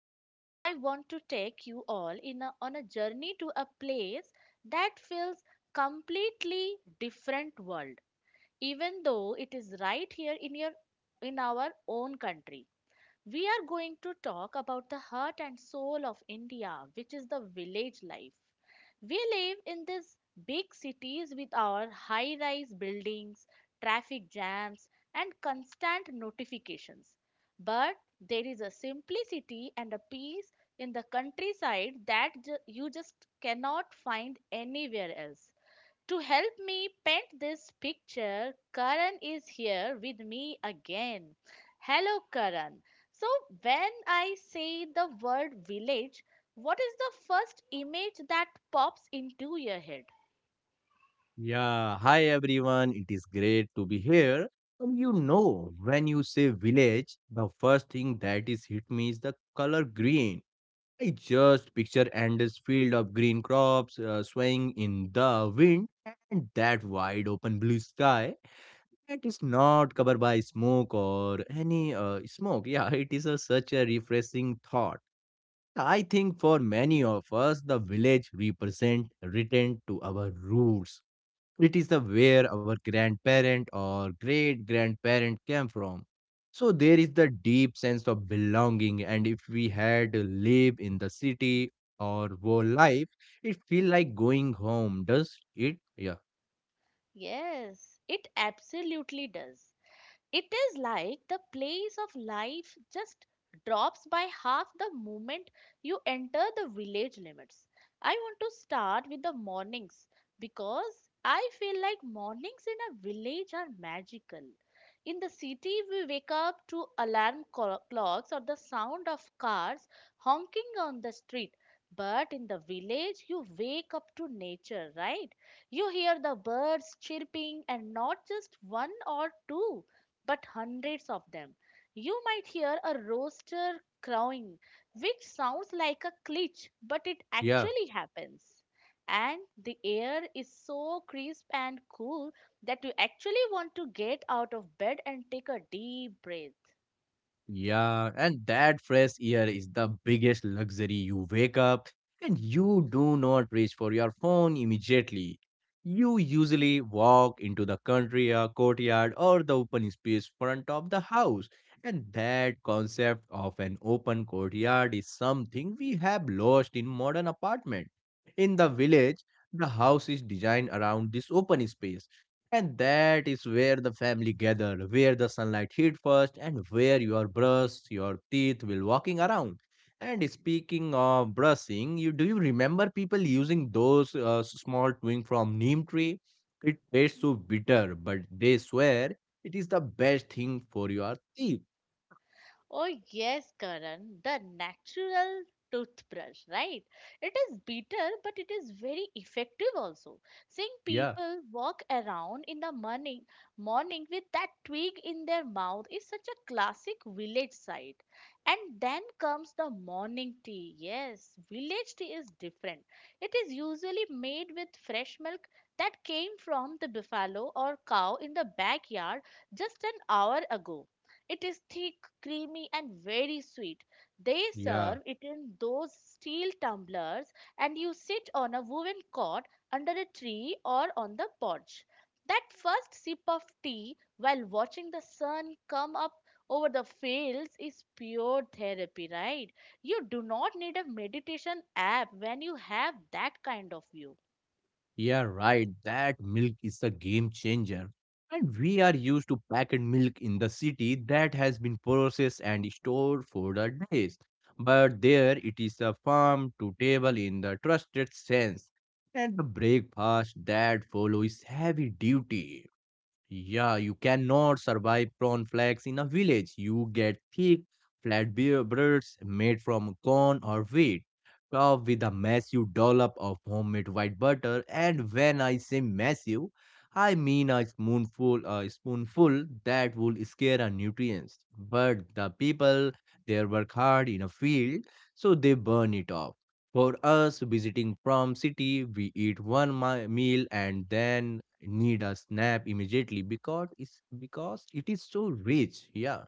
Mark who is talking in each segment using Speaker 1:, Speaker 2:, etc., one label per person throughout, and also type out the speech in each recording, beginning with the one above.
Speaker 1: Today, I want to take you all on a journey to a place that feels completely different world, even though it is right here in your in our own country. We are going to talk about the heart and soul of India, which is the village life. We live in these big cities with our high rise buildings, traffic jams, and constant notifications. But there is a simplicity and a peace in the countryside that you just cannot find anywhere else. To help me paint this picture, Karan is here with me again. Hello, Karan. So, when I say the word village, what is the first image that pops into your head?
Speaker 2: Yeah, hi everyone. It is great to be here. And when you say village, the first thing that is hit me is the color green. I just picture endless field of green crops swaying in the wind and that wide open blue sky that is not covered by smoke or any smoke. Yeah, it is such a refreshing thought. I think for many of us, the village represent return to our roots. It is the where our grandparent or great grandparent came from. So there is the deep sense of belonging, and if we had to live in the city or whole life, it feel like going home. Does it? Yeah,
Speaker 1: Yes, it absolutely does. It is like the place of life just drops by half the moment you enter the village limits. I want to start with the mornings because I feel like mornings in a village are magical. In the city, we wake up to alarm clocks or the sound of cars honking on the street. But in the village, you wake up to nature, right? You hear the birds chirping and not just one or two but hundreds of them. You might hear a rooster crowing, which sounds like a glitch, but it
Speaker 2: yeah.
Speaker 1: actually happens. And the air is so crisp and cool that you actually want to get out of bed and take a deep breath.
Speaker 2: Yeah, and that fresh air is the biggest luxury. You wake up and you do not reach for your phone immediately. You usually walk into the country or courtyard or the open space front of the house. And that concept of an open courtyard is something we have lost in modern apartment. In the village, the house is designed around this open space and that is where the family gather, where the sunlight hit first, and where your brush, your teeth will walking around. And speaking of brushing, you remember people using those small twig from neem tree? It tastes so bitter, but they swear it is the best thing for your teeth.
Speaker 1: Oh, yes, Karan, the natural toothbrush, right? It is bitter, but it is very effective also. Seeing
Speaker 2: Yeah,
Speaker 1: people walk around in the morning, morning with that twig in their mouth is such a classic village sight. And then comes the morning tea. Yes, village tea is different. It is usually made with fresh milk that came from the buffalo or cow in the backyard just an hour ago. It is thick, creamy, and very sweet. They
Speaker 2: yeah.
Speaker 1: serve it in those steel tumblers, and you sit on a woven cot under a tree or on the porch. That first sip of tea while watching the sun come up over the fields is pure therapy, right? You do not need a meditation app when you have that kind of view.
Speaker 2: Yeah, right. That milk is a game changer. And we are used to packet milk in the city that has been processed and stored for the days. But there it is a farm to table in the trusted sense. And the breakfast that follows heavy duty. Yeah, you cannot survive prawn flakes in a village. You get thick, flat beer breads made from corn or wheat, topped with a massive dollop of homemade white butter. And when I say massive, I mean a spoonful that would scare a nutrients. But the people there work hard in a field, so they burn it off. For us visiting from city, we eat one meal and then need a snap immediately because it is so rich. Yeah,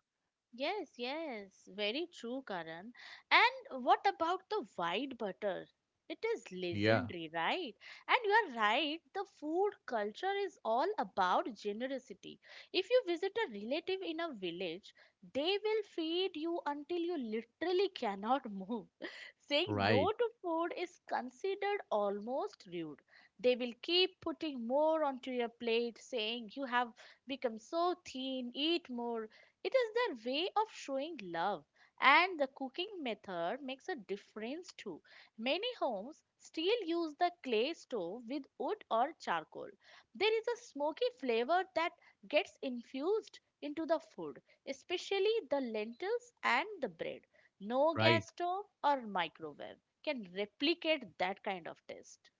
Speaker 1: Yes, yes, very true, Karan. And what about the white butter? It is
Speaker 2: yeah.
Speaker 1: legendary, right? And you are right, the food culture is all about generosity. If you visit a relative in a village, they will feed you until you literally cannot move. Saying
Speaker 2: Right,
Speaker 1: no to food is considered almost rude. They will keep putting more onto your plate, saying you have become so thin, eat more. It is their way of showing love, and the cooking method makes a difference too. Many homes still use the clay stove with wood or charcoal. There is a smoky flavor that gets infused into the food, especially the lentils and the bread. No gas
Speaker 2: right,
Speaker 1: stove or microwave can replicate that kind of taste.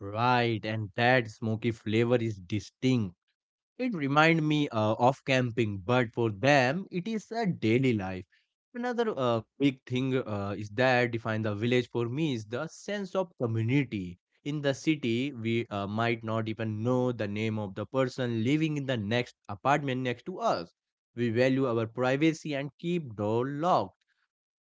Speaker 2: right. And that smoky flavor is distinct. It remind me of camping, but for them it is a daily life. Another big thing is that define the village for me is the sense of community. In the city, we might not even know the name of the person living in the next apartment next to us. We value our privacy and keep door locked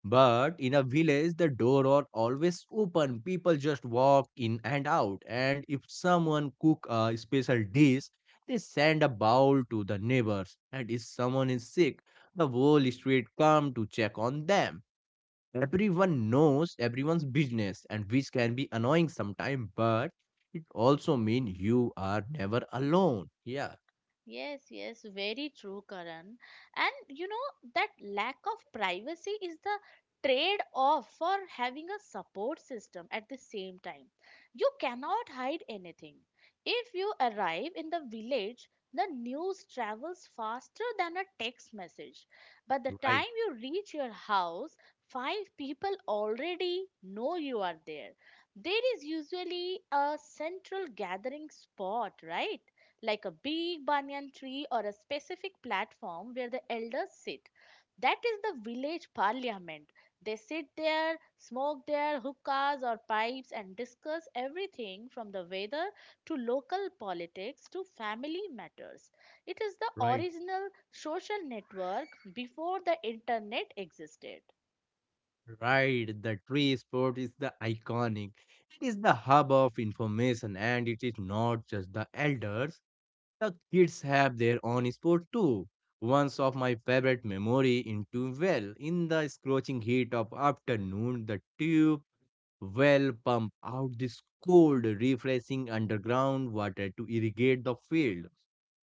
Speaker 2: but in a village, the door are always open. People just walk in and out. And if someone cook a special dish, they send a bowl to the neighbors. And if someone is sick, the whole street come to check on them. Everyone knows everyone's business, and which can be annoying sometimes, but it also mean you are never alone. Yeah,
Speaker 1: Yes, yes, very true, Karan. And you know, that lack of privacy is the trade off for having a support system at the same time. You cannot hide anything. If you arrive in the village, the news travels faster than a text message. By the time
Speaker 2: right,
Speaker 1: you reach your house, five people already know you are there. There is usually a central gathering spot, right? Like a big banyan tree or a specific platform where the elders sit. That is the village parliament. They sit there, smoke their hookahs or pipes, and discuss everything from the weather to local politics to family matters. It is the
Speaker 2: right.
Speaker 1: original social network before the internet existed.
Speaker 2: Right, the tree sport is the iconic. It is the hub of information, and it is not just the elders. The kids have their own sport too. One of my favorite memory in tube well, in the scorching heat of afternoon, the tube well pump out this cold, refreshing underground water to irrigate the field.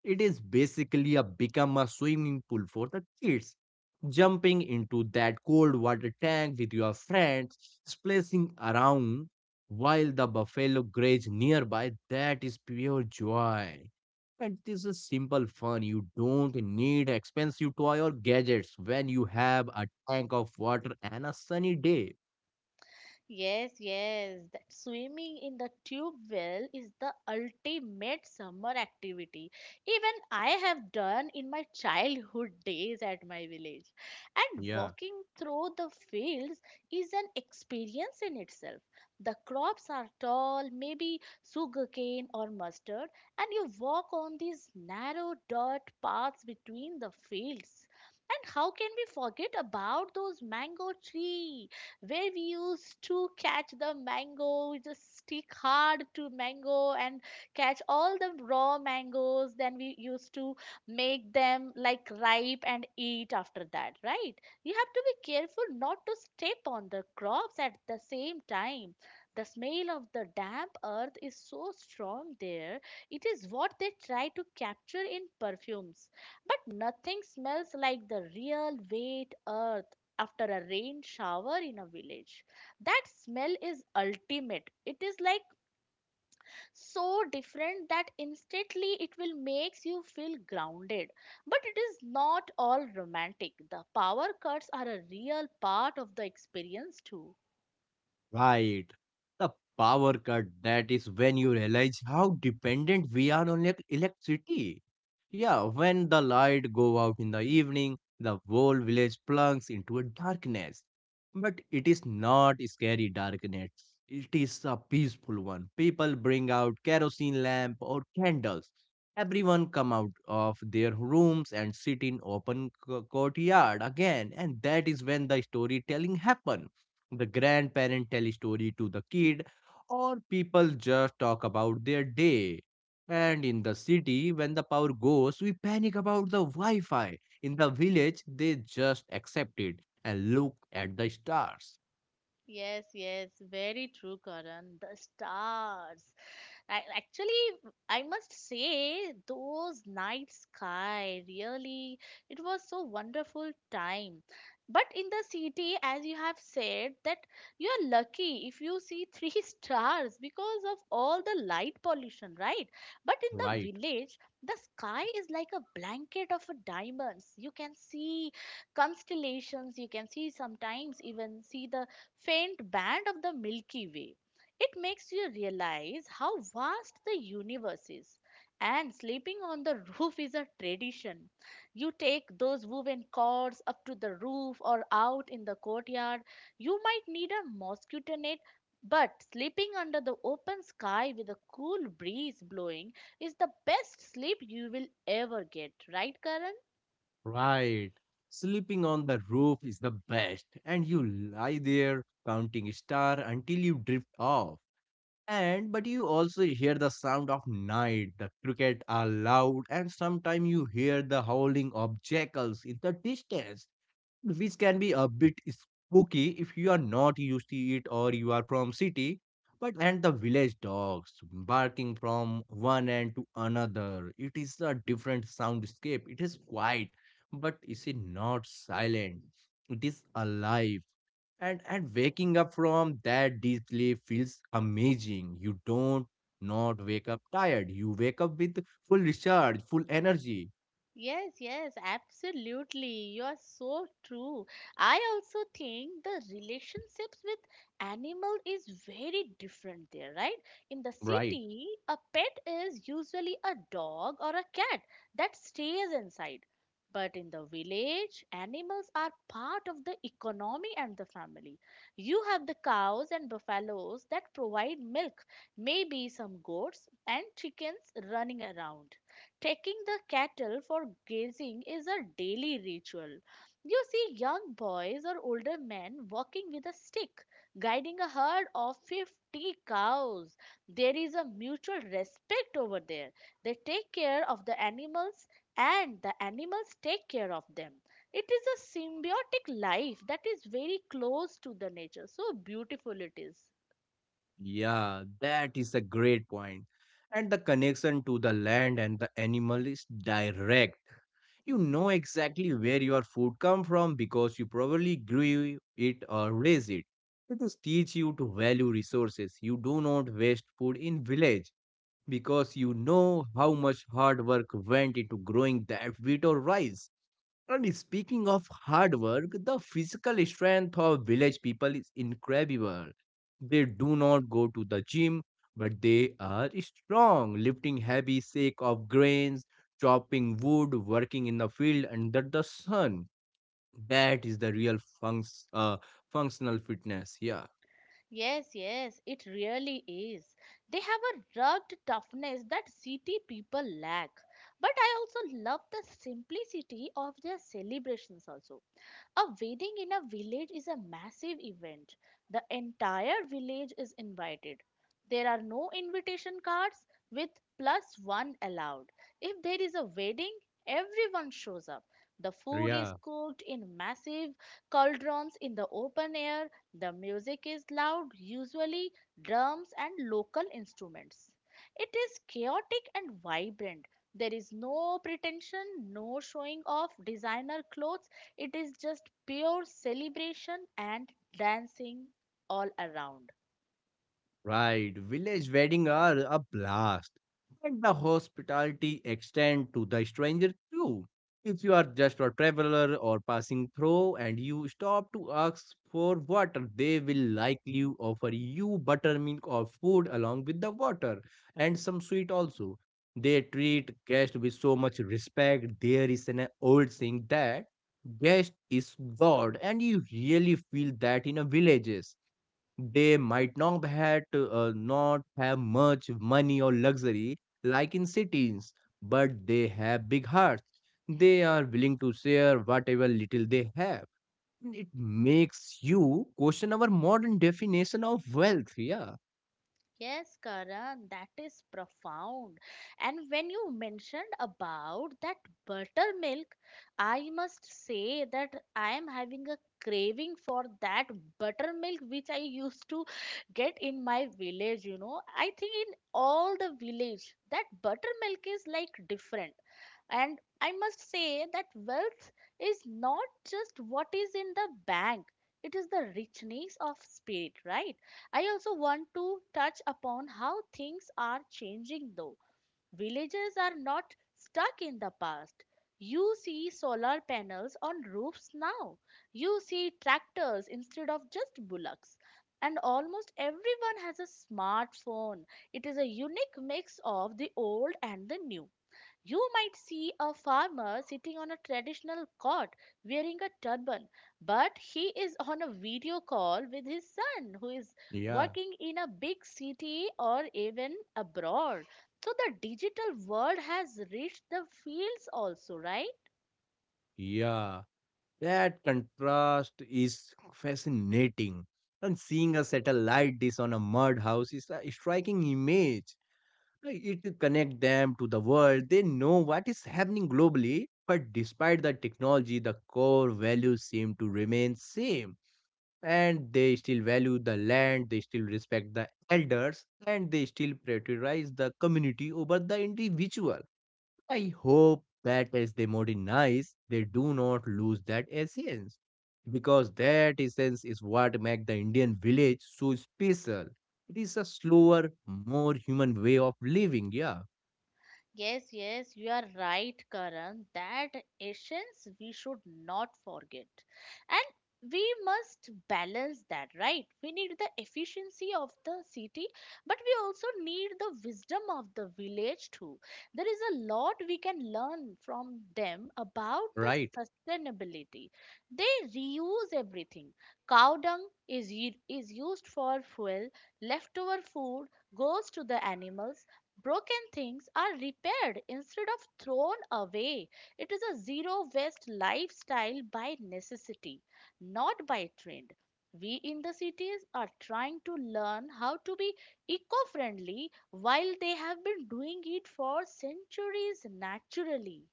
Speaker 2: It is basically a become a swimming pool for the kids. Jumping into that cold water tank with your friends, splashing around while the buffalo graze nearby, that is pure joy. And this is simple fun. You don't need expensive toy or gadgets when you have a tank of water and a sunny day.
Speaker 1: Yes, yes, that swimming in the tube well is the ultimate summer activity. Even I have done in my childhood days at my village. And
Speaker 2: Yeah.
Speaker 1: walking through the fields is an experience in itself. The crops are tall, maybe sugarcane or mustard, and you walk on these narrow dirt paths between the fields. And how can we forget about those mango trees? Where we used to catch the mango. We just stick hard to mango and catch all the raw mangoes. Then we used to make them like ripe and eat after that, right? You have to be careful not to step on the crops at the same time. The smell of the damp earth is so strong there. It is what they try to capture in perfumes. But nothing smells like the real wet earth after a rain shower in a village. That smell is ultimate. It is like so different that instantly it will makes you feel grounded. But it is not all romantic. The power cuts are a real part of the experience too.
Speaker 2: Right. The power cut, that is when you realize how dependent we are on electricity. Yeah, when the light go out in the evening, the whole village plunges into a darkness. But it is not a scary darkness. It is a peaceful one. People bring out kerosene lamp or candles. Everyone come out of their rooms and sit in open courtyard again, and that is when the storytelling happen. The grandparent tell story to the kid, or people just talk about their day. And in the city, when the power goes, we panic about the Wi-Fi. In the village, they just accept it and look at the stars.
Speaker 1: Yes, yes, very true, Karan. The stars, I, actually, I must say, those night sky really, it was so wonderful time. But in the city, as you have said, that you are lucky if you see three stars because of all the light pollution, right? But in the
Speaker 2: Right,
Speaker 1: village, the sky is like a blanket of a diamonds. You can see constellations, you can see sometimes even see the faint band of the Milky Way. It makes you realize how vast the universe is. And sleeping on the roof is a tradition. You take those woven cords up to the roof or out in the courtyard. You might need a mosquito net, but sleeping under the open sky with a cool breeze blowing is the best sleep you will ever get, right, Karan?
Speaker 2: right. Sleeping on the roof is the best, and you lie there counting star until you drift off. And but you also hear the sound of night, the cricket are loud, and sometimes you hear the howling of jackals in the distance, which can be a bit spooky if you are not used to it or you are from city. But and the village dogs barking from one end to another. It is a different soundscape. It is quiet, but is it not silent? It is alive and waking up from that deep sleep feels amazing. You don't not wake up tired. You wake up with full recharge full energy.
Speaker 1: Yes, yes, absolutely. You are so true. I also think the relationships with animal is very different there, right? In the
Speaker 2: Right.
Speaker 1: city, a pet is usually a dog or a cat that stays inside. But in the village, animals are part of the economy and the family. You have the cows and buffaloes that provide milk, maybe some goats and chickens running around. Taking the cattle for grazing is a daily ritual. You see young boys or older men walking with a stick, guiding a herd of 50 cows. There is a mutual respect over there. They take care of the animals and the animals take care of them. It is a symbiotic life that is very close to the nature. So beautiful it is.
Speaker 2: Yeah, that is a great point. And the connection to the land and the animal is direct. You know exactly where your food come from because you probably grew it or raised it. It is teach you to value resources. You do not waste food in village because you know how much hard work went into growing that wheat or rice. And speaking of hard work, the physical strength of village people is incredible. They do not go to the gym, but they are strong, lifting heavy sack of grains, chopping wood, working in the field under the sun. That is the real functional fitness. Yeah.
Speaker 1: Yes, yes, it really is. They have a rugged toughness that city people lack. But I also love the simplicity of their celebrations also. A wedding in a village is a massive event. The entire village is invited. There are no invitation cards with plus one allowed. If there is a wedding, everyone shows up. The food is
Speaker 2: Yeah.
Speaker 1: cooked in massive cauldrons in the open air. The music is loud, usually drums and local instruments. It is chaotic and vibrant. There is no pretension, no showing off designer clothes, it is just pure celebration and dancing all around.
Speaker 2: Right, village weddings are a blast. And the hospitality extend to the stranger too. If you are just a traveler or passing through and you stop to ask for water, they will likely offer you buttermilk or food along with the water and some sweet also. They treat guests with so much respect. There is an old saying that guest is God, and you really feel that in a villages they might not have much money or luxury like in cities, but they have big hearts. They are willing to share whatever little they have. And it makes you question our modern definition of wealth. Yeah,
Speaker 1: Yes, Karan, that is profound. And when you mentioned about that buttermilk, I must say that I am having a craving for that buttermilk which I used to get in my village, you know. I think in all the village, that buttermilk is like different. And I must say that wealth is not just what is in the bank, it is the richness of spirit, right? I also want to touch upon how things are changing though. Villages are not stuck in the past. You see solar panels on roofs now. You see tractors instead of just bullocks. And almost everyone has a smartphone. It is a unique mix of the old and the new. You might see a farmer sitting on a traditional cot wearing a turban, but he is on a video call with his son who is
Speaker 2: yeah,
Speaker 1: working in a big city or even abroad. So the digital world has reached the fields also, right?
Speaker 2: yeah. That contrast is fascinating. And seeing a satellite dish on a mud house is a striking image. It connect them to the world. They know what is happening globally, but despite the technology, the core values seem to remain same. And they still value the land, they still respect the elders, and they still prioritize the community over the individual. I hope that as they modernize, they do not lose that essence. Because that essence is what makes the Indian village so special. It is a slower, more human way of living, yeah.
Speaker 1: Yes, yes, you are right, Karan. That essence we should not forget. And we must balance that, right? We need the efficiency of the city, but we also need the wisdom of the village too. There is a lot we can learn from them about the
Speaker 2: Right,
Speaker 1: sustainability. They reuse everything. Cow dung is used for fuel, leftover food goes to the animals. Broken things are repaired instead of thrown away. It is a zero waste lifestyle by necessity, not by trend. We in the cities are trying to learn how to be eco friendly while they have been doing it for centuries naturally.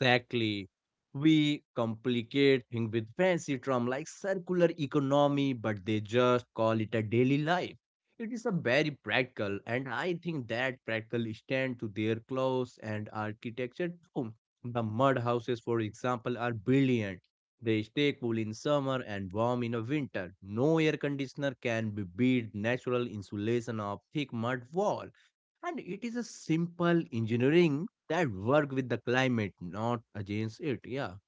Speaker 2: exactly. We complicate things with fancy terms like circular economy, but they just call it a daily life. It is a very practical, and I think that practical stand to their clothes and architecture too. The mud houses, for example, are brilliant. They stay cool in summer and warm in a winter. No air conditioner can be beat natural insulation of thick mud wall and it is a simple engineering that work with the climate, not against it. Yeah,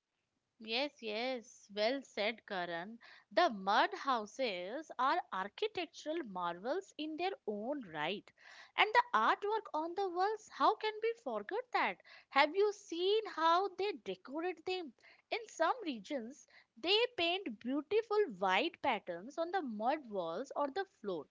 Speaker 1: Yes, yes, well said, Karan. The mud houses are architectural marvels in their own right. And the artwork on the walls, how can we forget that? Have you seen how they decorate them? In some regions, they paint beautiful white patterns on the mud walls or the floor.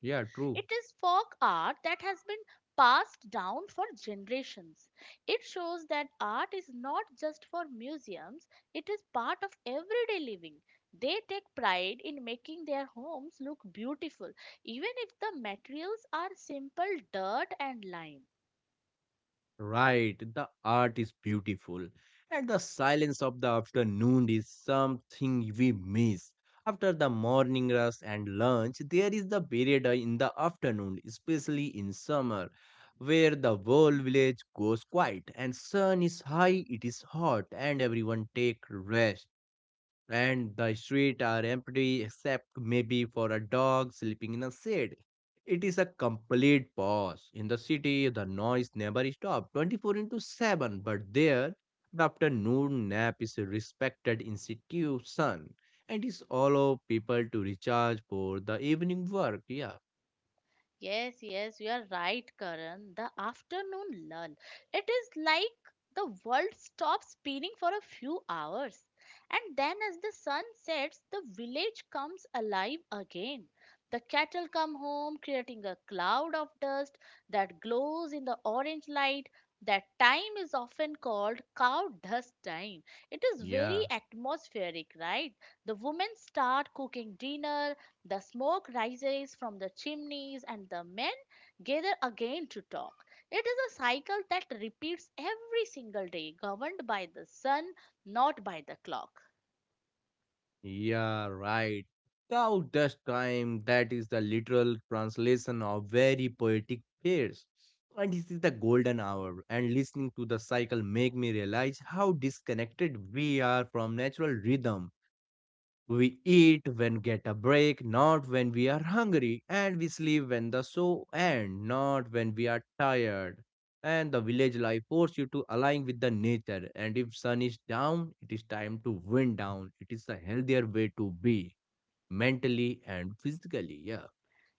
Speaker 2: yeah, true.
Speaker 1: It is folk art that has been passed down for generations. It shows that art is not just for museums, it is part of everyday living. They take pride in making their homes look beautiful, even if the materials are simple dirt and lime.
Speaker 2: Right, the art is beautiful, and the silence of the afternoon is something we miss. After the morning rush and lunch, there is the period in the afternoon, especially in summer, where the whole village goes quiet and sun is high, it is hot, and everyone take rest and the streets are empty except maybe for a dog sleeping in a shade. It is a complete pause. In the city, the noise never stops 24 into 7, but there, the afternoon nap is a respected institution and is allow people to recharge for the evening work. Yeah,
Speaker 1: Yes, yes, you are right, Karan. The afternoon lull. It is like the world stops spinning for a few hours. And then, as the sun sets, the village comes alive again. The cattle come home, creating a cloud of dust that glows in the orange light. That time is often called cow dust time. It is very
Speaker 2: yeah.
Speaker 1: atmospheric, right? The women start cooking dinner, the smoke rises from the chimneys, and the men gather again to talk. It is a cycle that repeats every single day, governed by the sun, not by the clock.
Speaker 2: Yeah, right. Cow dust time, that is the literal translation of very poetic phrase. And this is the golden hour. And listening to the cycle make me realize how disconnected we are from natural rhythm. We eat when get a break, not when we are hungry, and we sleep when the show end, not when we are tired. And the village life forces you to align with the nature. And if sun is down, it is time to wind down. It is a healthier way to be mentally and physically. Yeah.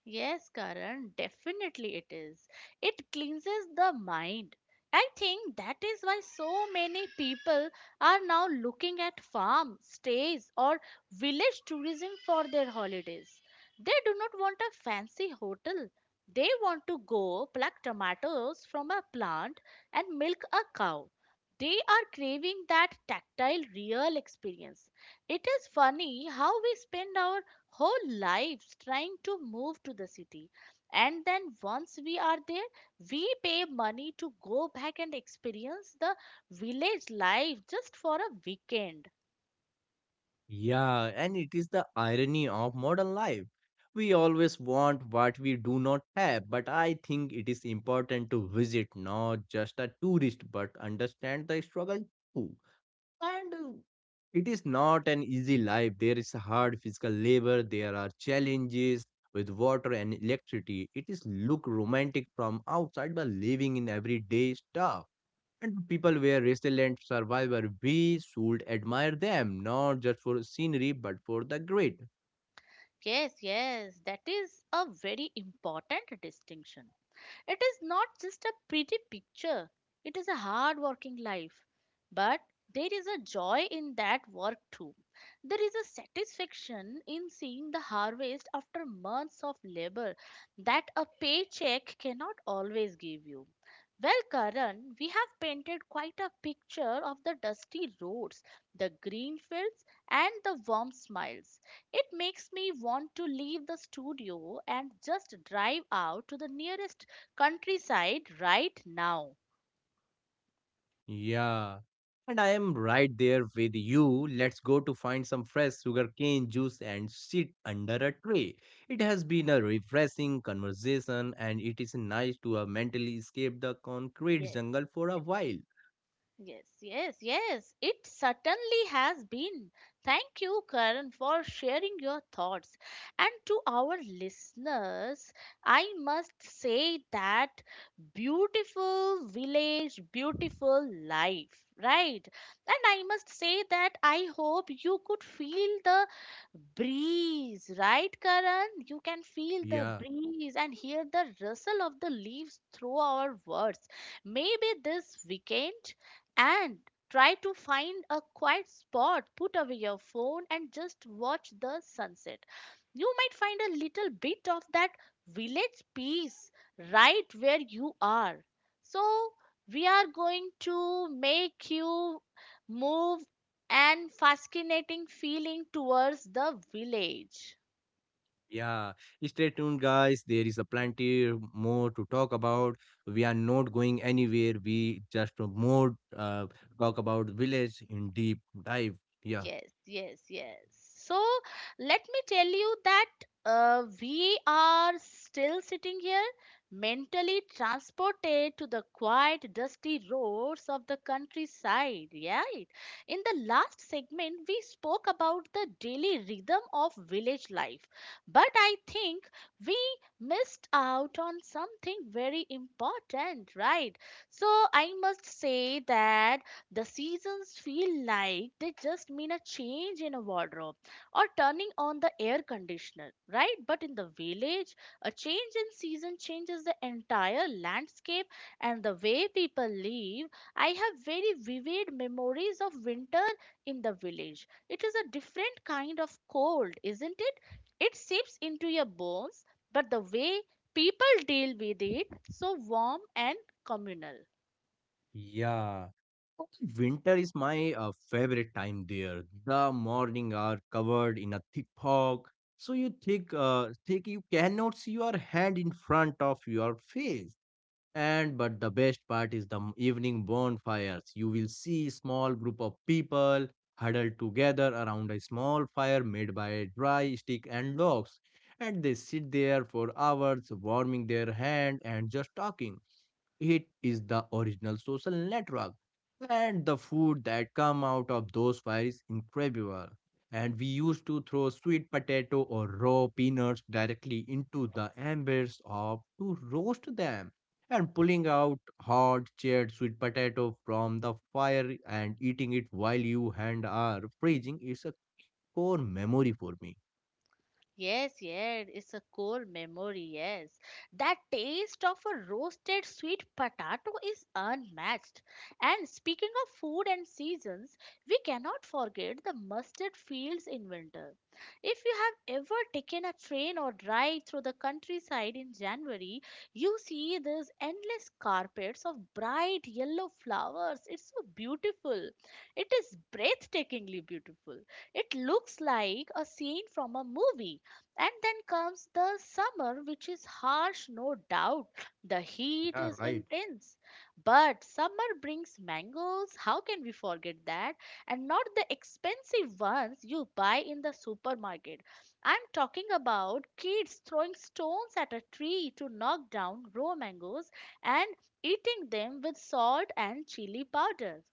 Speaker 1: Yes, Karan, definitely it is. It cleanses the mind. I think that is why so many people are now looking at farm stays or village tourism for their holidays. They do not want a fancy hotel. They want to go pluck tomatoes from a plant and milk a cow. They are craving that tactile, real experience. It is funny how we spend our whole lives trying to move to the city. And then once we are there, we pay money to go back and experience the village life just for a weekend.
Speaker 2: Yeah, and it is the irony of modern life. We always want what we do not have, but I think it is important to visit not just a tourist but understand the struggle too. And it is not an easy life. There is hard physical labor, there are challenges with water and electricity. It is look romantic from outside but living in everyday stuff. And people were resilient survivors. We should admire them, not just for scenery, but for the grit.
Speaker 1: Yes, yes, that is a very important distinction. It is not just a pretty picture, it is a hard working life. But there is a joy in that work too. There is a satisfaction in seeing the harvest after months of labor that a paycheck cannot always give you. Well, Karan, we have painted quite a picture of the dusty roads, the green fields, and the warm smiles. It makes me want to leave the studio and just drive out to the nearest countryside right now.
Speaker 2: Yeah. And I am right there with you. Let's go to find some fresh sugarcane juice and sit under a tree. It has been a refreshing conversation, and it is nice to have mentally escape the concrete
Speaker 1: Yes.
Speaker 2: jungle for a while.
Speaker 1: Yes, yes, yes. It certainly has been. Thank you, Karan, for sharing your thoughts. And to our listeners, I must say that beautiful village, beautiful life, right? And I must say that I hope you could feel the breeze, right, Karan? You can feel the
Speaker 2: Yeah.
Speaker 1: breeze and hear the rustle of the leaves through our words. Maybe this weekend and try to find a quiet spot, put away your phone, and just watch the sunset. You might find a little bit of that village peace right where you are. So, we are going to make you move and fascinating feeling towards the village.
Speaker 2: Yeah, stay tuned, guys. There is a plenty more to talk about. We are not going anywhere. We just more talk about village in deep dive. Yeah,
Speaker 1: Yes, yes, yes. So let me tell you that we are still sitting here, mentally transported to the quiet, dusty roads of the countryside. Yeah, right? In the last segment, we spoke about the daily rhythm of village life, but I think we missed out on something very important, right? So I must say that the seasons feel like they just mean a change in a wardrobe or turning on the air conditioner, right? But in the village, a change in season changes the entire landscape and the way people live. I have very vivid memories of winter in the village. It is a different kind of cold, isn't it? It seeps into your bones, but the way people deal with it, so warm and communal.
Speaker 2: yeah. Winter is my favorite time there. The morning are covered in a thick fog, so you think you cannot see your hand in front of your face. And but the best part is the evening bonfires. You will see small group of people huddled together around a small fire made by dry stick and logs. And they sit there for hours warming their hand and just talking. It is the original social network. And the food that come out of those fires is incredible. And we used to throw sweet potato or raw peanuts directly into the embers of to roast them. And pulling out hot charred sweet potato from the fire and eating it while you hand are freezing is a core memory for me.
Speaker 1: Yes, yes, it's a core memory, yes. That taste of a roasted sweet potato is unmatched. And speaking of food and seasons, we cannot forget the mustard fields in winter. If you have ever taken a train or drive through the countryside in January, you see these endless carpets of bright yellow flowers. It's so beautiful. It is breathtakingly beautiful. It looks like a scene from a movie. And then comes the summer, which is harsh, no doubt. The heat
Speaker 2: Yeah,
Speaker 1: is
Speaker 2: right.
Speaker 1: intense. But summer brings mangoes. How can we forget that? And not the expensive ones you buy in the supermarket. I'm talking about kids throwing stones at a tree to knock down raw mangoes and eating them with salt and chili powder.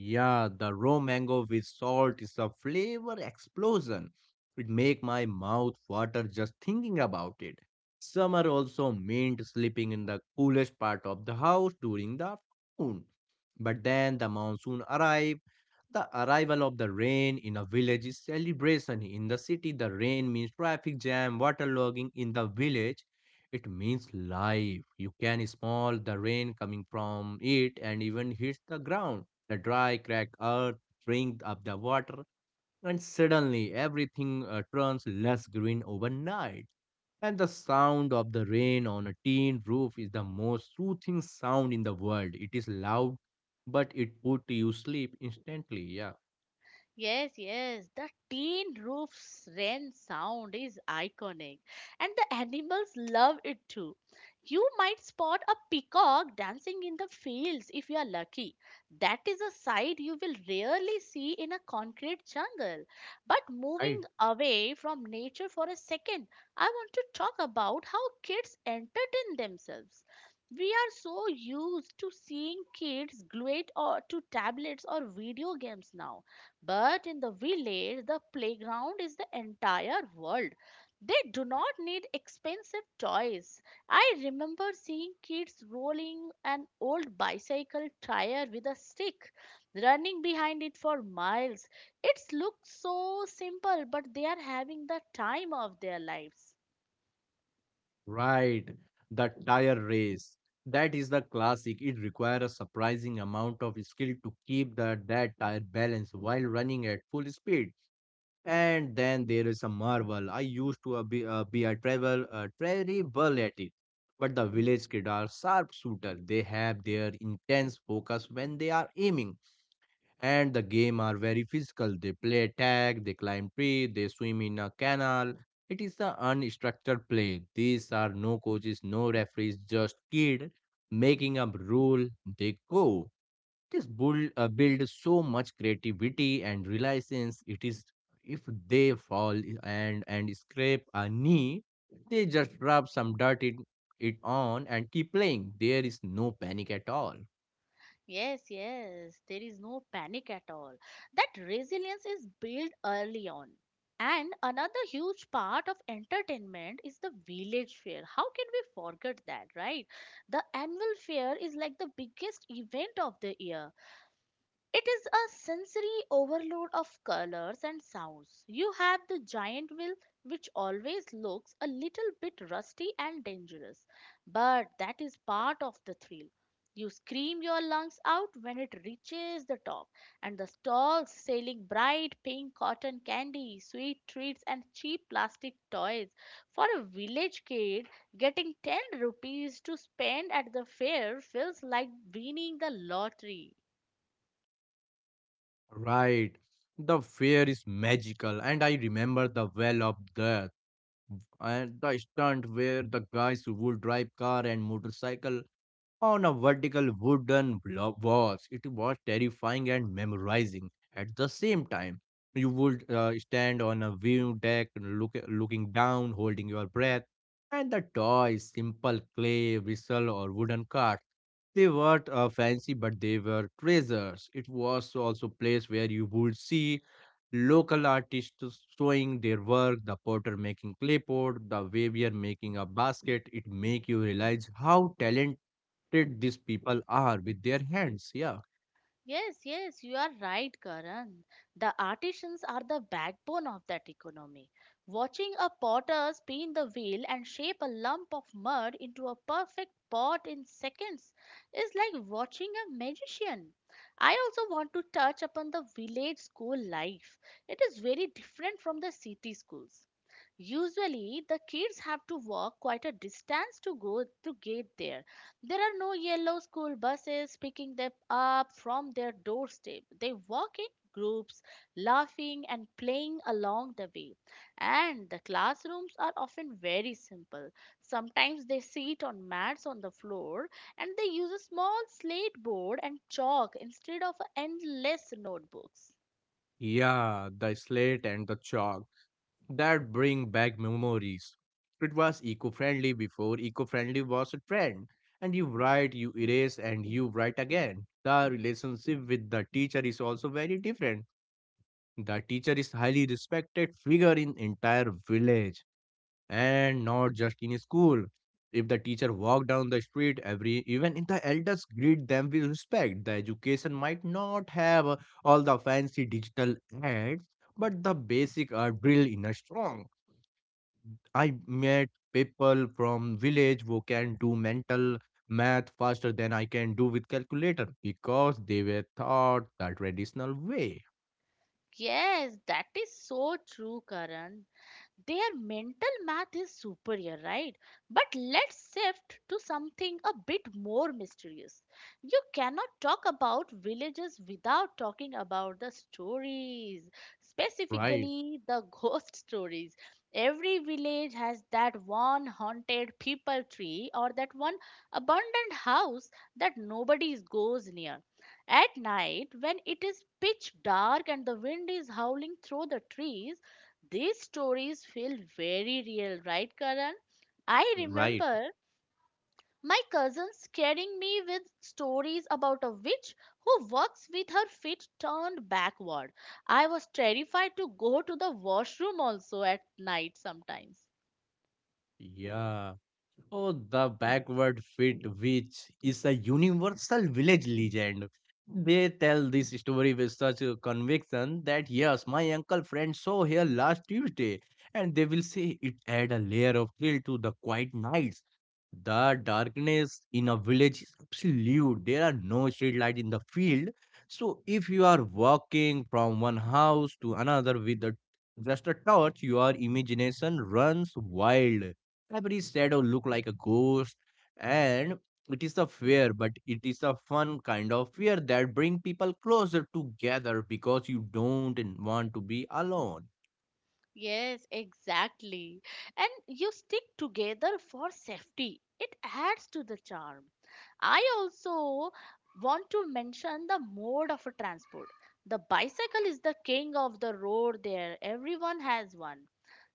Speaker 2: Yeah, the raw mango with salt is a flavor explosion. It make my mouth water just thinking about it. Summer also meant sleeping in the coolest part of the house during the afternoon. But then the monsoon arrived. The arrival of the rain in a village is celebration. In the city, the rain means traffic jam, waterlogging. In the village, it means life. You can smell the rain coming from it and even hits the ground the dry, cracked earth drinks up the water, and suddenly everything turns less green overnight. And the sound of the rain on a tin roof is the most soothing sound in the world. It is loud, but it put you sleep instantly. Yeah,
Speaker 1: Yes, yes, the tin roof's wren sound is iconic, and the animals love it too. You might spot a peacock dancing in the fields if you are lucky. That is a sight you will rarely see in a concrete jungle. But
Speaker 2: right,
Speaker 1: moving away from nature for a second, I want to talk about how kids entertain themselves. We are so used to seeing kids glued or to tablets or video games now but in the village, the playground is the entire world. They do not need expensive toys. I remember seeing kids rolling an old bicycle tire with a stick, running behind it for miles. It looks so simple, but they are having the time of their lives.
Speaker 2: right. The tire race. That is the classic. It requires a surprising amount of skill to keep the that tire balanced while running at full speed. And then there is a marvel. I used to be terrible at it. But the village kid are sharpshooter. They have their intense focus when they are aiming. And the game are very physical. They play tag, they climb tree, they swim in a canal. It is a unstructured play. These are no coaches, no referees, just kid making up rule. They go. This build so much creativity and reliance. It is if they fall and scrape a knee, they just rub some dirt it, it on and keep playing. There is no panic at all.
Speaker 1: Yes, yes, there is no panic at all. That resilience is built early on. And another huge part of entertainment is the village fair. How can we forget that, right? The annual fair is like the biggest event of the year. It is a sensory overload of colors and sounds. You have the giant wheel, which always looks a little bit rusty and dangerous, but that is part of the thrill. You scream your lungs out when it reaches the top, and the stalls selling bright pink cotton candy, sweet treats, and cheap plastic toys. For a village kid, getting 10 rupees to spend at the fair feels like winning the lottery.
Speaker 2: Right. The fear is magical, and I remember the well of death and the stunt where the guys would drive car and motorcycle on a vertical walls. It was terrifying and memorizing at the same time. You would stand on a view deck, looking down, holding your breath, and the toys, simple clay, whistle, or wooden cart. They weren't fancy, but they were treasures. It was also a place where you would see local artists showing their work, the potter making clay pot, the weaver making a basket. It make you realize how talent did these people are with their hands. Yeah.
Speaker 1: Yes, yes, you are right, Karan. The artisans are the backbone of that economy. Watching a potter spin the wheel and shape a lump of mud into a perfect pot in seconds is like watching a magician. I also want to touch upon the village school life. It is very different from the city schools. Usually, the kids have to walk quite a distance to go to get there. There are no yellow school buses picking them up from their doorstep. They walk in groups, laughing and playing along the way. And the classrooms are often very simple. Sometimes they sit on mats on the floor and they use a small slate board and chalk instead of endless notebooks.
Speaker 2: Yeah, the slate and the chalk that bring back memories. It was eco friendly before eco friendly was a trend. And you write, you erase, and you write again. The relationship with the teacher is also very different. The teacher is highly respected figure in entire village, and not just in school. If the teacher walk down the street, every even in the elders greet them with respect. The education might not have all the fancy digital ads, but the basic are drilled in a strong. I met people from village who can do mental math faster than I can do with calculator because they were taught the traditional way.
Speaker 1: Yes, that is so true, Karan. Their mental math is superior, right? But let's shift to something a bit more mysterious. You cannot talk about villages without talking about the stories,
Speaker 2: Right,
Speaker 1: specifically the ghost stories. Every village has that one haunted people tree or that one abandoned house that nobody goes near. At night, when it is pitch dark and the wind is howling through the trees, these stories feel very real, right, Karan? I
Speaker 2: right.
Speaker 1: remember my cousin scaring me with stories about a witch who walks with her feet turned backward. I was terrified to go to the washroom also at night sometimes.
Speaker 2: Yeah. Oh, the backward fit, which is a universal village legend. They tell this story with such a conviction that yes, my uncle friend saw here last Tuesday, and they will say it add a layer of thrill to the quiet nights. The darkness in a village is absolute. There are no street light in the field. So if you are walking from one house to another with a, just a torch, your imagination runs wild, every shadow look like a ghost, and it is a fear, but it is a fun kind of fear that bring people closer together because you don't want to be alone.
Speaker 1: Yes, exactly. And you stick together for safety. It adds to the charm. I also want to mention the mode of transport. The bicycle is the king of the road there. Everyone has one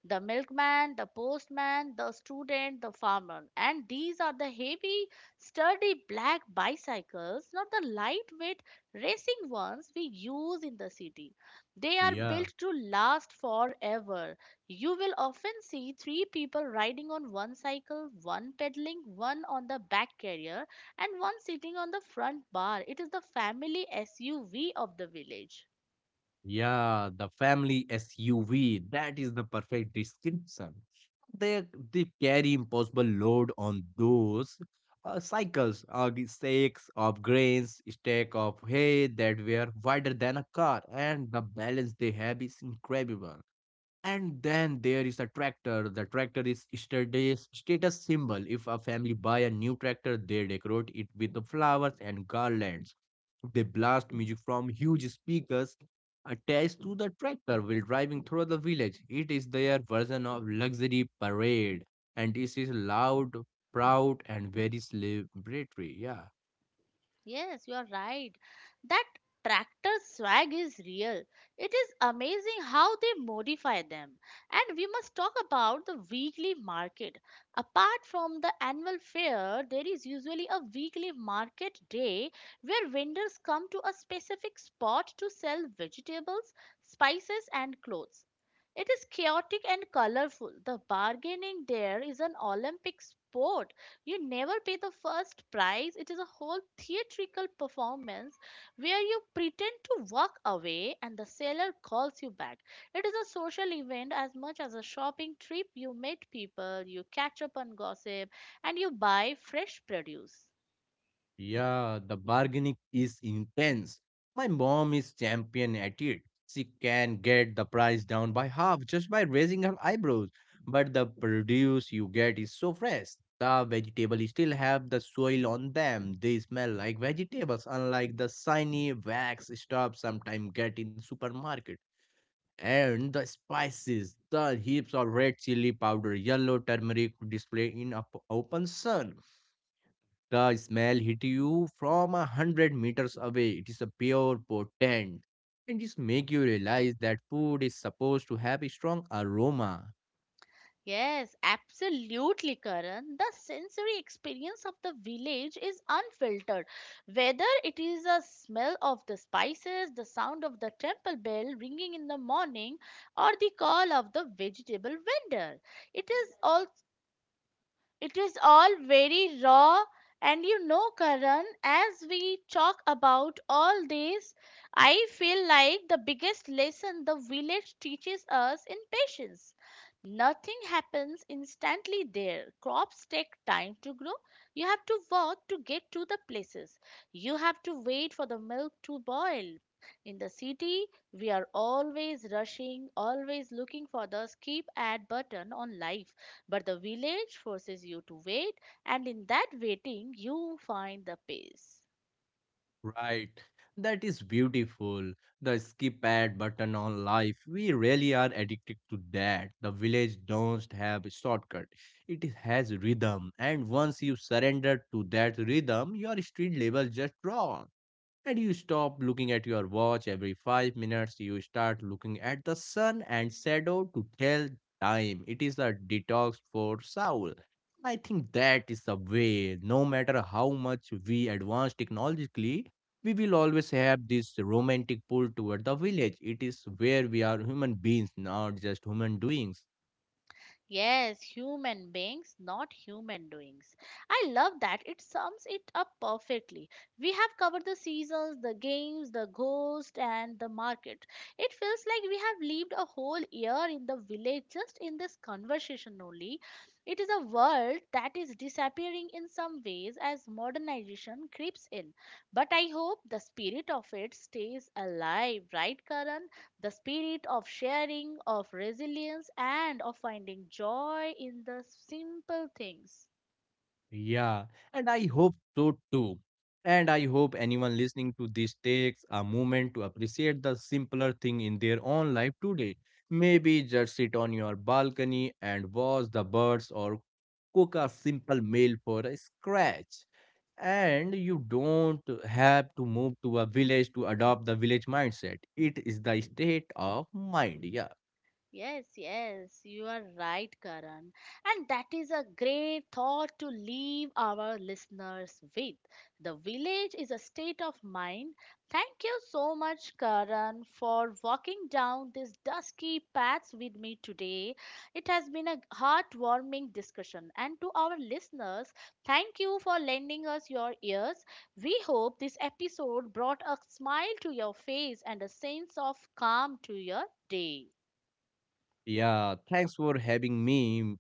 Speaker 1: the milkman, the postman, the student, the farmer. And these are the heavy, sturdy black bicycles, not the lightweight racing ones we use in the city. They are
Speaker 2: Yeah.
Speaker 1: built to last forever. You will often see three people riding on one cycle, one pedaling, one on the back carrier, and one sitting on the front bar. It is the family SUV of the village.
Speaker 2: Yeah, the family SUV, that is the perfect description. They they carry impossible load on those cycles, sacks of grains, stack of hay that were wider than a car, and the balance they have is incredible. And then there is a tractor. The tractor is status symbol. If a family buy a new tractor, they decorate it with the flowers and garlands. They blast music from huge speakers attached to the tractor while driving through the village. It is their version of luxury parade, and it is loud, proud, and very celebratory. Yeah.
Speaker 1: Yes, you are right. That tractor swag is real. It is amazing how they modify them. And we must talk about the weekly market. Apart from the annual fair, there is usually a weekly market day where vendors come to a specific spot to sell vegetables, spices, and clothes. It is chaotic and colorful. The bargaining there is an Olympic sport. You never pay the first prize. It is a whole theatrical performance where you pretend to walk away and the seller calls you back. It is a social event as much as a shopping trip. You meet people, you catch up on gossip, and you buy fresh produce.
Speaker 2: Yeah, the bargaining is intense. My mom is champion at it. She can get the price down by half just by raising her eyebrows. But the produce you get is so fresh. The vegetables still have the soil on them. They smell like vegetables, unlike the shiny wax stuff sometimes get in supermarket. And the spices, the heaps of red chili powder, yellow turmeric display in a open sun, the smell hit you from 100 meters away. It is a pure potent. And just make you realize that food is supposed to have a strong aroma.
Speaker 1: Yes, absolutely, Karan. The sensory experience of the village is unfiltered. Whether it is a smell of the spices, the sound of the temple bell ringing in the morning, or the call of the vegetable vendor, it is all it is all very raw, and you know, Karan, as we talk about all this, I feel like the biggest lesson the village teaches us in patience. Nothing happens instantly there. Crops take time to grow. You have to walk to get to the places. You have to wait for the milk to boil. In the city, we are always rushing, always looking for the skip ad button on life. But the village forces you to wait, and in that waiting, you find the peace.
Speaker 2: Right. That is beautiful. The skip ad button on life. We really are addicted to that. The village don't have a shortcut. It is- has rhythm. And once you surrender to that rhythm, your street level just drops. And you stop looking at your watch every 5 minutes. You start looking at the sun and shadow to tell time. It is a detox for soul. I think that is the way. No matter how much we advance technologically, we will always have this romantic pull toward the village. It is where we are human beings, not just human doings.
Speaker 1: Yes, human beings, not human doings. I love that. It sums it up perfectly. We have covered the seasons, the games, the ghost, and the market. It feels like we have lived a whole year in the village just in this conversation only. It is a world that is disappearing in some ways as modernization creeps in. But I hope the spirit of it stays alive, right, Karan? The spirit of sharing, of resilience, and of finding joy in the simple things.
Speaker 2: Yeah, and I hope so too. And I hope anyone listening to this takes a moment to appreciate the simpler thing in their own life today. Maybe just sit on your balcony and watch the birds or cook a simple meal for a scratch. And you don't have to move to a village to adopt the village mindset. It is the state of mind. Yeah.
Speaker 1: Yes, yes, you are right, Karan. And that is a great thought to leave our listeners with. The village is a state of mind. Thank you so much, Karan, for walking down these dusky paths with me today. It has been a heartwarming discussion. And to our listeners, thank you for lending us your ears. We hope this episode brought a smile to your face and a sense of calm to your day.
Speaker 2: Yeah, thanks for having me,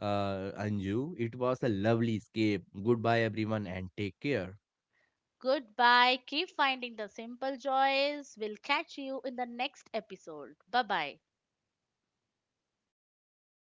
Speaker 2: Anju. It was a lovely escape. Goodbye, everyone, and take care.
Speaker 1: Goodbye. Keep finding the simple joys. We'll catch you in the next episode. Bye bye.